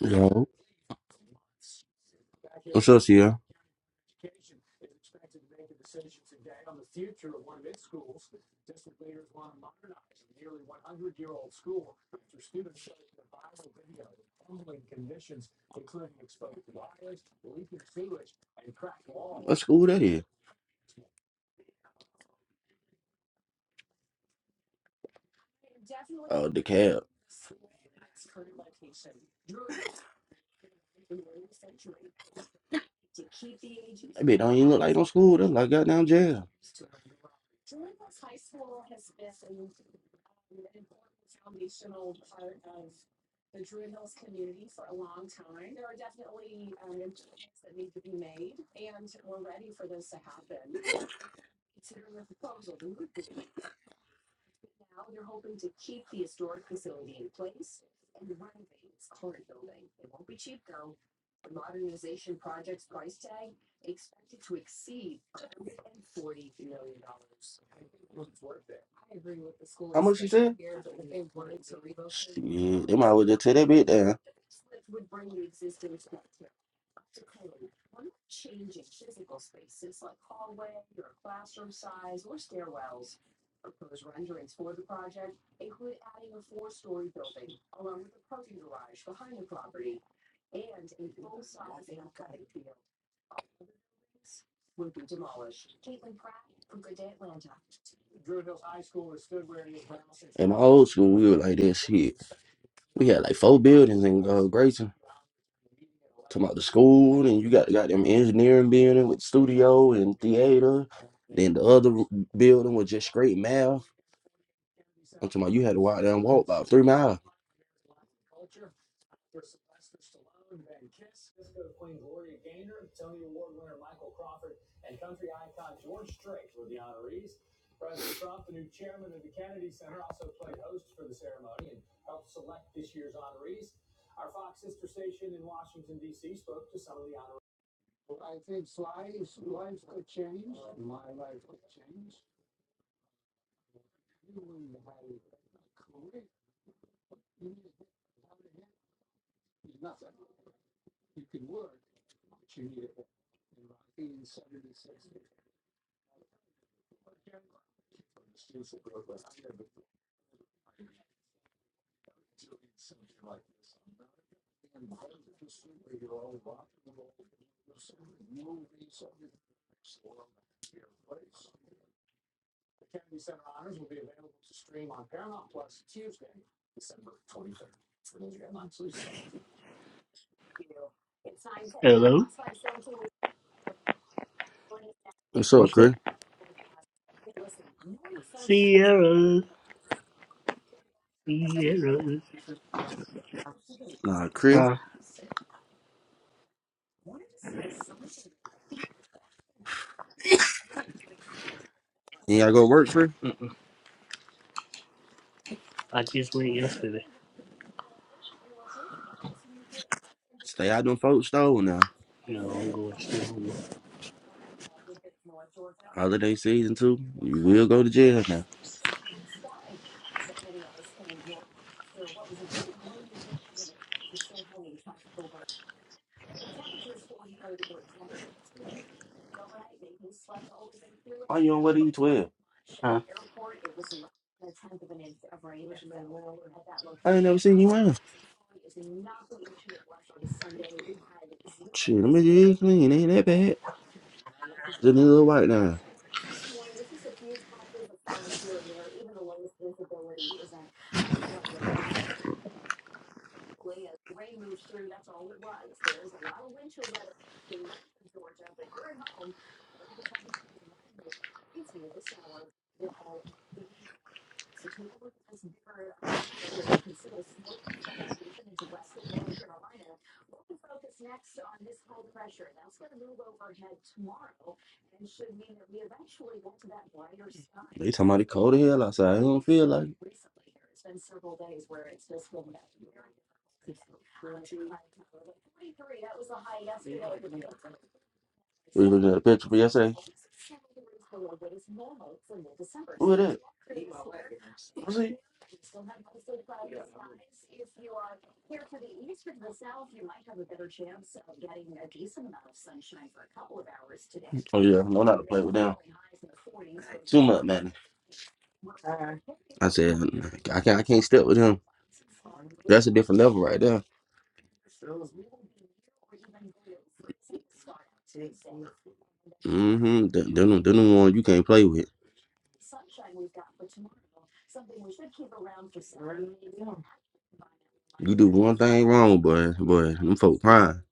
Yo, what's up, Sierra? What school that is? Oh, the cab. That bitch don't even look like no school. That's like goddamn jail. How much you said? Shit, they might well just tear that bitch down. In my old school, we were like that shit. We had like four buildings in uh, Grayson. Talking about the school, and you got got them engineering building with studio and theater. Then the other building was just straight math. I'm talking about you had to walk down and walk about three miles. Hello? What's up, What's up? Chris? Sierra, Sierra. Nah, Chris, Uh, you gotta go work, Chris. I just went yesterday. Stay out them folks' store now. No, I'm going still. Holiday season too. You will go to jail now. Why you don't wear these twelve? I ain't never seen you wear 'em. Shit, them bitches is clean. Ain't that bad. Just a little white now. They talking about it cold as hell outside. I don't feel like it. We looked at a picture for yesterday. Who it is? Who's he? Oh yeah, no, not to play with them. Too much, man. I said I can't. I can't step with him. That's a different level right there. Mm-hmm. Them, them, them the one you can't play with. You do one thing wrong, boy, boy, them folk crying.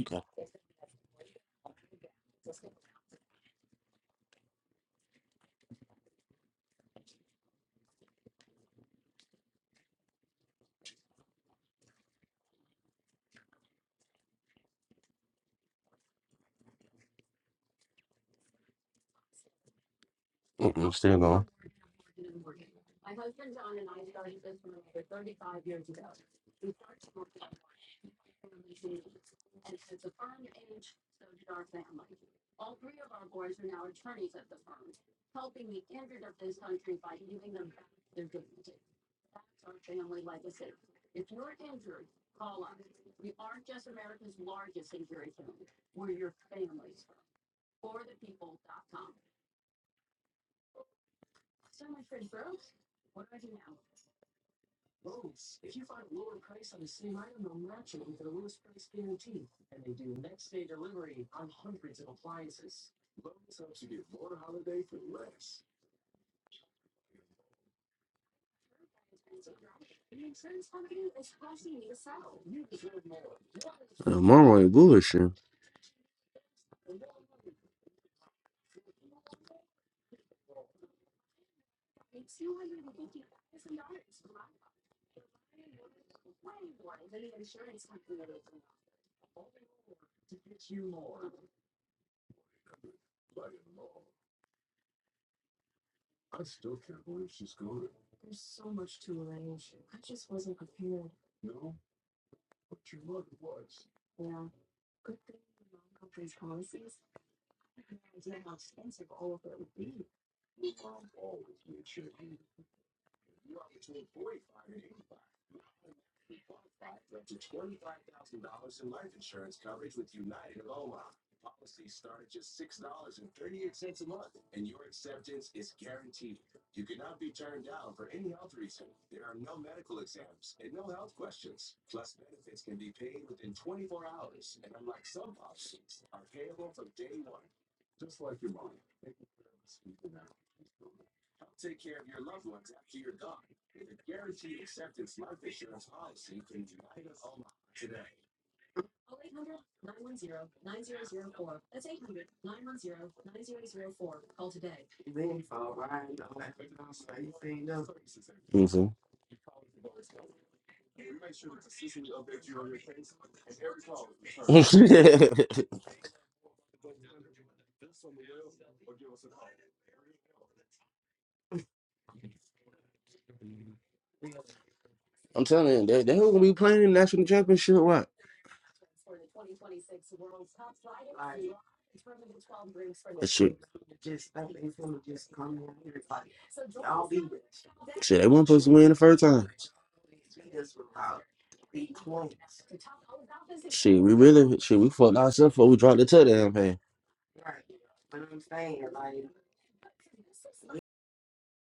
Okay. Mm-mm, still going. Uh, Monroe ain't bullshit. You know what I'm saying? I'm telling you, they they gonna be playing in the national championship. What? That shit, shit, they weren't supposed to win the first time. Shit, we really, shit, we fucked ourselves before we dropped the touchdown